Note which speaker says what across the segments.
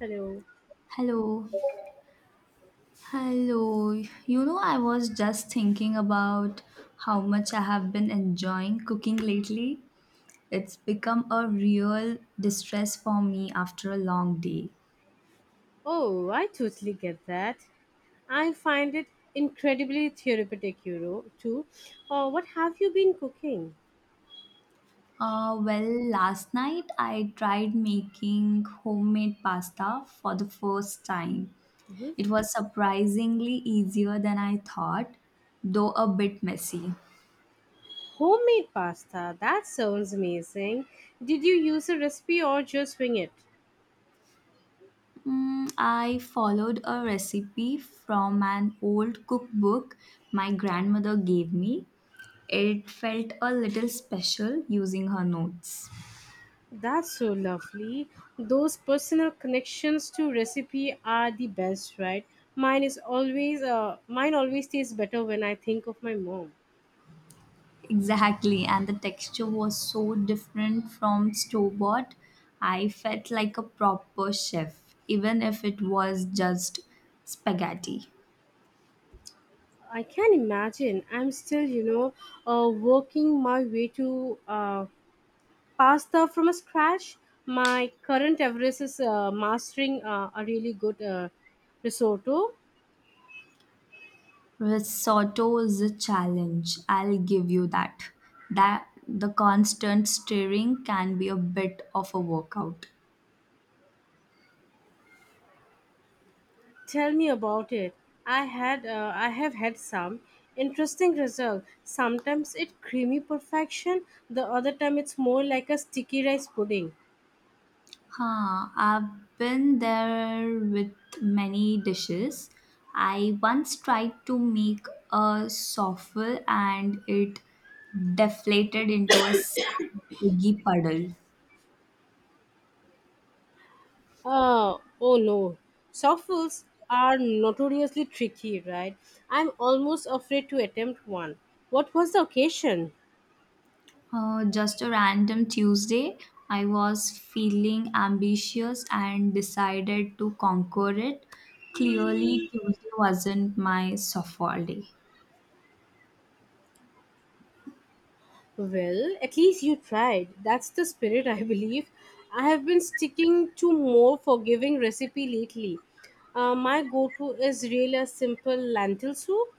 Speaker 1: Hello.
Speaker 2: Hello. Hello. You know, I was just thinking about how much I have been enjoying cooking lately. It's become a real distress for me after a long day.
Speaker 1: Oh, I totally get that. I find it incredibly therapeutic, too. Oh, what have you been cooking?
Speaker 2: Well, last night I tried making homemade pasta for the first time.
Speaker 1: Mhm.
Speaker 2: It was surprisingly easier than I thought, though a bit messy.
Speaker 1: Homemade pasta. That sounds amazing. Did you use a recipe or just wing it?
Speaker 2: I followed a recipe from an old cookbook my grandmother gave me. It felt a little special using her notes.
Speaker 1: That's so lovely. Those personal connections to recipe are the best, right? Mine always tastes better when I think of my mom.
Speaker 2: Exactly, and the texture was so different from store bought. I felt like a proper chef, even if it was just spaghetti.
Speaker 1: I can imagine. I'm still working my way to pasta from scratch. My current Everest is mastering a really good risotto.
Speaker 2: Risotto is a challenge, I'll give you that. That the constant stirring can be a bit of a workout.
Speaker 1: Tell me about it. I have had some interesting result. Sometimes it creamy perfection. The other time it's more like a sticky rice pudding.
Speaker 2: Huh, I've been there with many dishes. I once tried to make a souffle and it deflated into a biggie puddle.
Speaker 1: Oh no. Softballs are notoriously tricky, right? I'm almost afraid to attempt one. What was the occasion?
Speaker 2: Just a random Tuesday, I was feeling ambitious and decided to conquer it. Clearly, Tuesday wasn't my softball day.
Speaker 1: Well, at least you tried. That's the spirit, I believe. I have been sticking to more forgiving recipe lately. My go-to is really a simple lentil soup.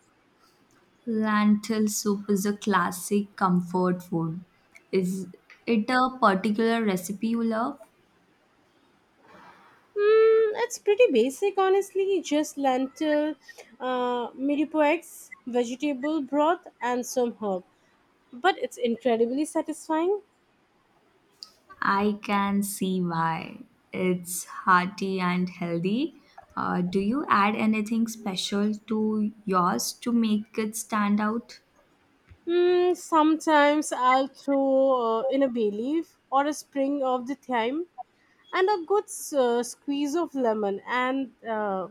Speaker 2: Lentil soup is a classic comfort food. Is it a particular recipe you love?
Speaker 1: Mm, it's pretty basic, honestly. Just lentil, mirepoix, vegetable broth, and some herb. But it's incredibly satisfying.
Speaker 2: I can see why. It's hearty and healthy. Do you add anything special to yours to make it stand out?
Speaker 1: Mm, sometimes I'll throw in a bay leaf or a spring of the thyme and a uh, squeeze of lemon and uh,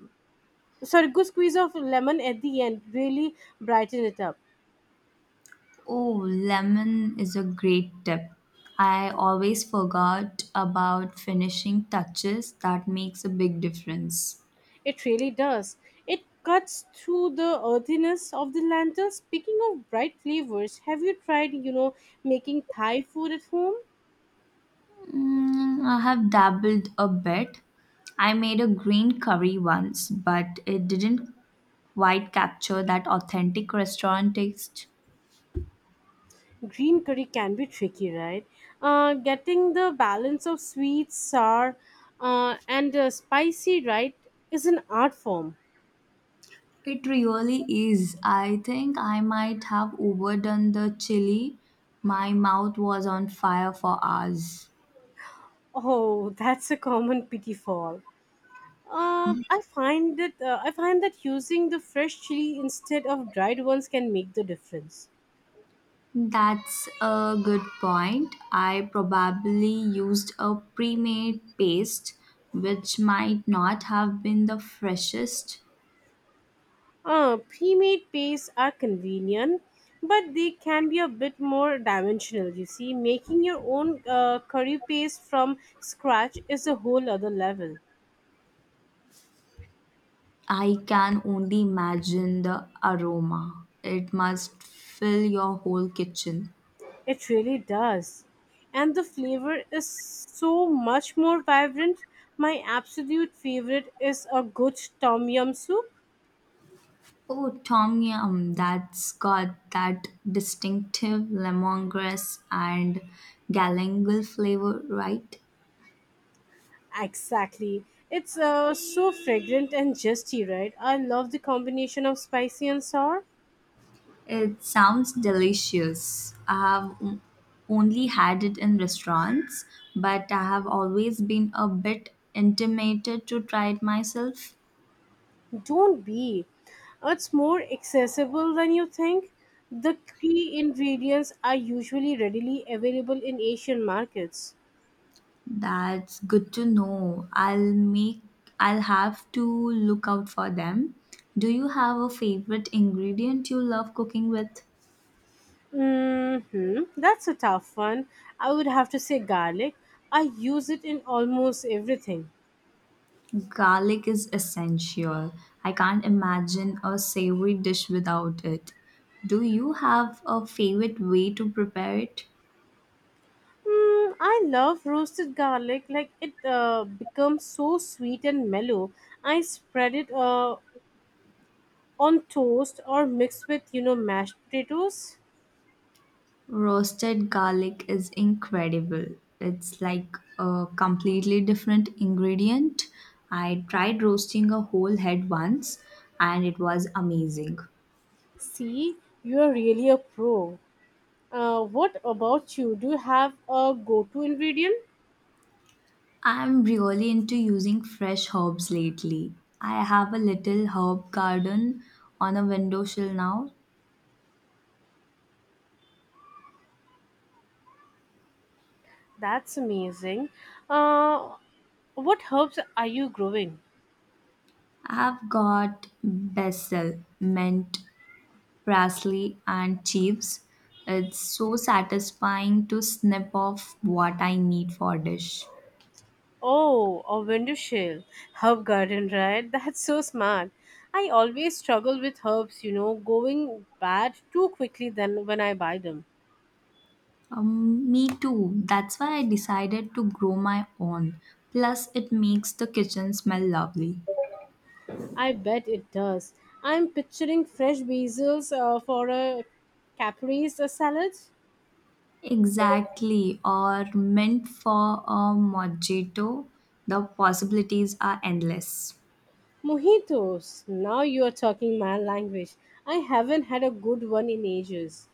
Speaker 1: good squeeze of lemon at the end really brighten it up.
Speaker 2: Oh, lemon is a great tip. I always forgot about finishing touches that makes a big difference.
Speaker 1: It really does. It cuts through the earthiness of the lantern. Speaking of bright flavors, have you tried making Thai food at home?
Speaker 2: I have dabbled a bit. I made a green curry once, but it didn't quite capture that authentic restaurant taste.
Speaker 1: Green curry can be tricky, right? Getting the balance of sweet, sour, and spicy right is an art form.
Speaker 2: It really is. I think I might have overdone the chili. My mouth was on fire for hours.
Speaker 1: Oh, that's a common pitfall. I find that using the fresh chili instead of dried ones can make the difference.
Speaker 2: That's a good point. I probably used a pre made paste, which might not have been the freshest.
Speaker 1: Pre-made pastes are convenient, but they can be a bit more dimensional. You see, making your own curry paste from scratch is a whole other level.
Speaker 2: I can only imagine the aroma. It must fill your whole kitchen.
Speaker 1: It really does. And the flavor is so much more vibrant. My absolute favorite is a good tom yum soup.
Speaker 2: Oh, Tom Yum, that's got that distinctive lemongrass and galangal flavor, right?
Speaker 1: Exactly. It's so fragrant and zesty, right? I love the combination of spicy and sour.
Speaker 2: It sounds delicious. I have only had it in restaurants, but I have always been a bit intimidated to try it myself.
Speaker 1: Don't be. It's more accessible than you think. The key ingredients are usually readily available in Asian markets.
Speaker 2: That's good to know. I'll have to look out for them. Do you have a favorite ingredient you love cooking with?
Speaker 1: Hmm, that's a tough one. I would have to say garlic. I use it in almost everything.
Speaker 2: Garlic is essential. I can't imagine a savory dish without it. Do you have a favorite way to prepare it?
Speaker 1: Mm, I love roasted garlic. It becomes so sweet and mellow. I spread it on toast or mix with mashed potatoes.
Speaker 2: Roasted garlic is incredible. It's like a completely different ingredient. I tried roasting a whole head once and it was amazing.
Speaker 1: See, you are really a pro. What about you? Do you have a go-to ingredient?
Speaker 2: I'm really into using fresh herbs lately. I have a little herb garden on a windowsill now.
Speaker 1: That's amazing. Uh, what herbs are you growing?
Speaker 2: I've got basil, mint, parsley, and chives. It's so satisfying to snip off what I need for a dish.
Speaker 1: Oh, a window shell. Herb garden, right? That's so smart. I always struggle with herbs, you know, going bad too quickly than when I buy them.
Speaker 2: Me too. That's why I decided to grow my own. Plus, it makes the kitchen smell lovely.
Speaker 1: I bet it does. I'm picturing fresh basils for a caprese salad.
Speaker 2: Exactly, or meant for a mojito, the possibilities are endless.
Speaker 1: Mojitos. Now you are talking my language. I haven't had a good one in ages.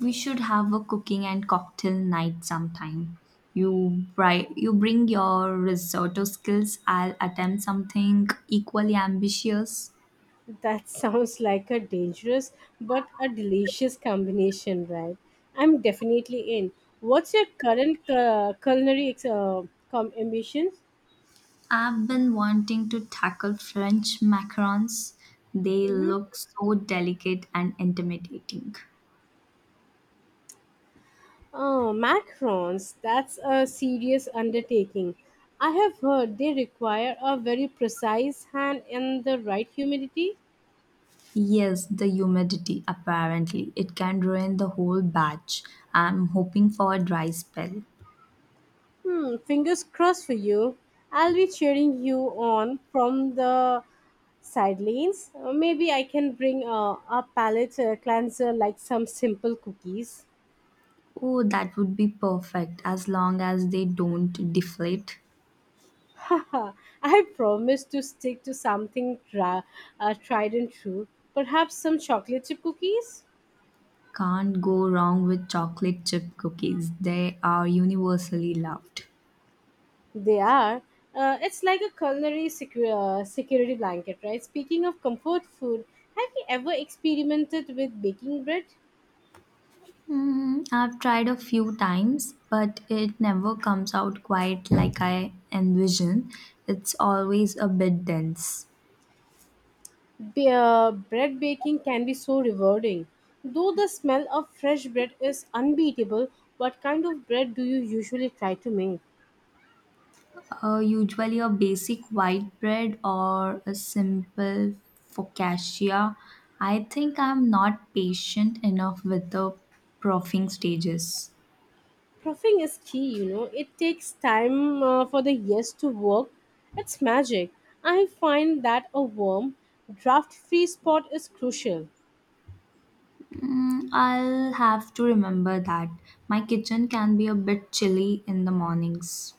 Speaker 2: We should have a cooking and cocktail night sometime. You bring your risotto skills, I'll attempt something equally ambitious.
Speaker 1: That sounds like a dangerous but a delicious combination, right? I'm definitely in. What's your current culinary ambitions?
Speaker 2: I've been wanting to tackle French macarons. They look so delicate and intimidating.
Speaker 1: Oh, macarons. That's a serious undertaking. I have heard they require a very precise hand and the right humidity.
Speaker 2: Yes, the humidity apparently. It can ruin the whole batch. I'm hoping for a dry spell.
Speaker 1: Hmm, fingers crossed for you. I'll be cheering you on from the sidelines. Maybe I can bring a palette cleanser like some simple cookies.
Speaker 2: Oh, that would be perfect as long as they don't deflate.
Speaker 1: Haha, I promise to stick to something tried and true. Perhaps some chocolate chip cookies?
Speaker 2: Can't go wrong with chocolate chip cookies. They are universally loved.
Speaker 1: They are. It's like a culinary security blanket, right? Speaking of comfort food, have you ever experimented with baking bread?
Speaker 2: Hmm, I've tried a few times, but it never comes out quite like I envision. It's always a bit dense.
Speaker 1: Bread baking can be so rewarding. Though the smell of fresh bread is unbeatable, what kind of bread do you usually try to make?
Speaker 2: Usually a basic white bread or a simple focaccia. I think I'm not patient enough with the proofing stages.
Speaker 1: Proofing is key, you know. It takes time for the yeast to work. It's magic. I find that a warm, draft free spot is crucial.
Speaker 2: I'll have to remember that. My kitchen can be a bit chilly in the mornings.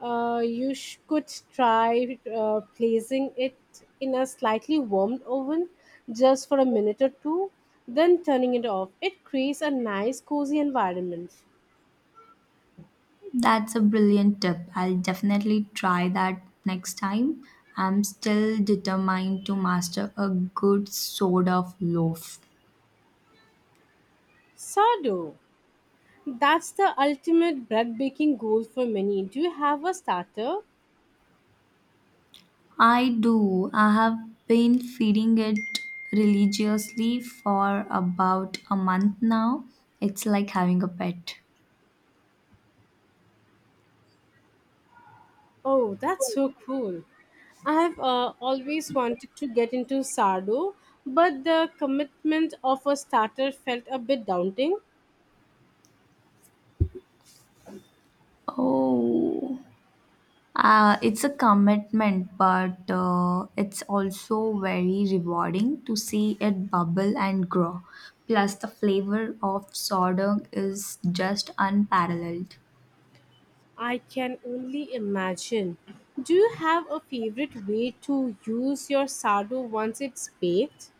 Speaker 1: You could try placing it in a slightly warmed oven just for a minute or two, then turning it off. It creates a nice, cozy environment.
Speaker 2: That's a brilliant tip. I'll definitely try that next time. I'm still determined to master a good soda loaf.
Speaker 1: Sourdough. That's the ultimate bread baking goal for many. Do you have a starter?
Speaker 2: I do. I have been feeding it religiously for about a month now. It's like having a pet.
Speaker 1: Oh, that's so cool. I have always wanted to get into sourdough, but the commitment of a starter felt a bit daunting.
Speaker 2: Oh, it's a commitment, but it's also very rewarding to see it bubble and grow. Plus, the flavor of sourdough is just unparalleled.
Speaker 1: I can only imagine. Do you have a favorite way to use your sourdough once it's baked?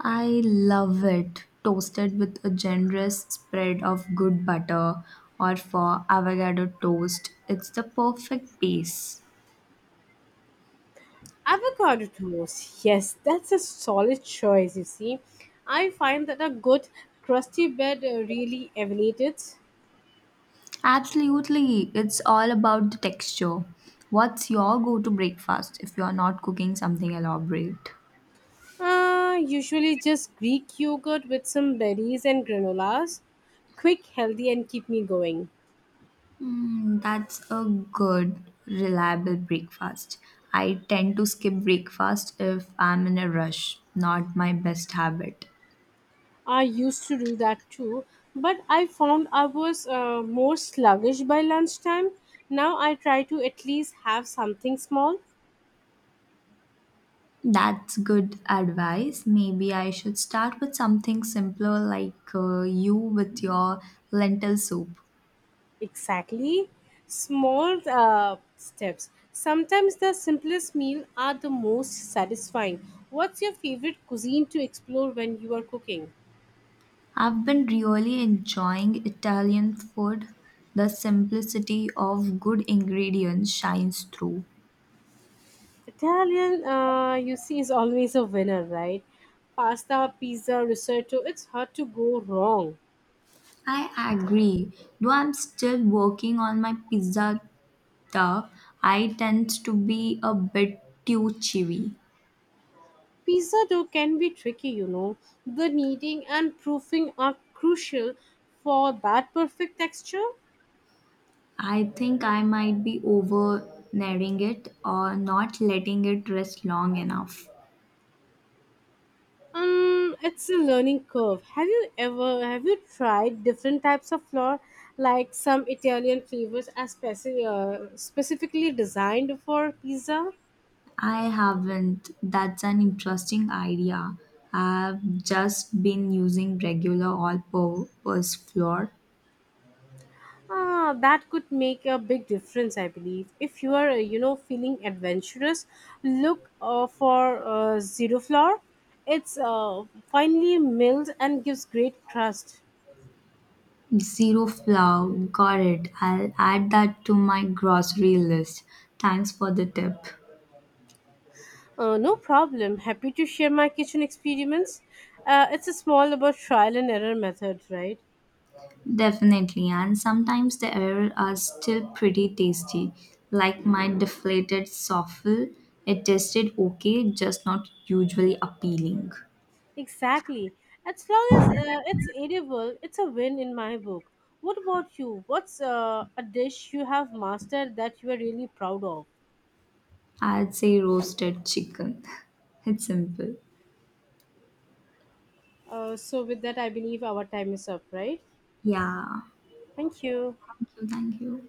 Speaker 2: I love it. Toasted with a generous spread of good butter or for avocado toast. It's the perfect base.
Speaker 1: Avocado toast. Yes, that's a solid choice, you see. I find that a good crusty bread really elevates it.
Speaker 2: Absolutely. It's all about the texture. What's your go to breakfast if you're not cooking something elaborate?
Speaker 1: Usually just Greek yogurt with some berries and granolas. Quick, healthy, and keep me going.
Speaker 2: That's a good, reliable breakfast. I tend to skip breakfast if I'm in a rush. Not my best habit.
Speaker 1: I used to do that too, but I found I was more sluggish by lunchtime. Now I try to at least have something small.
Speaker 2: That's good advice. Maybe I should start with something simpler like you with your lentil soup.
Speaker 1: Exactly. Small steps. Sometimes the simplest meal are the most satisfying. What's your favorite cuisine to explore when you are cooking?
Speaker 2: I've been really enjoying Italian food. The simplicity of good ingredients shines through.
Speaker 1: Italian, you see, is always a winner, right? Pasta, pizza, risotto, it's hard to go wrong.
Speaker 2: I agree. Though I'm still working on my pizza stuff, I tend to be a bit too chewy.
Speaker 1: Pizza dough can be tricky, you know. The kneading and proofing are crucial for that perfect texture.
Speaker 2: I think I might be over it or not letting it rest long enough.
Speaker 1: It's a learning curve. Have you tried different types of flour, like some Italian flavors are specifically designed for pizza?
Speaker 2: I haven't. That's an interesting idea. I've just been using regular all purpose flour.
Speaker 1: Ah, that could make a big difference, I believe. If you are, feeling adventurous, look for zero flour. It's finely milled and gives great crust.
Speaker 2: Zero flour. Got it. I'll add that to my grocery list. Thanks for the tip.
Speaker 1: No problem. Happy to share my kitchen experiments. It's a small about trial and error method, right?
Speaker 2: Definitely. And sometimes the errors are still pretty tasty, like my deflated souffle. It tasted okay, just not usually appealing.
Speaker 1: Exactly. As long as it's edible, it's a win in my book. What about you? What's a dish you have mastered that you are really proud of?
Speaker 2: I'd say roasted chicken. It's simple.
Speaker 1: So, with that, I believe our time is up, right?
Speaker 2: Yeah,
Speaker 1: Thank you.
Speaker 2: thank you. Thank you.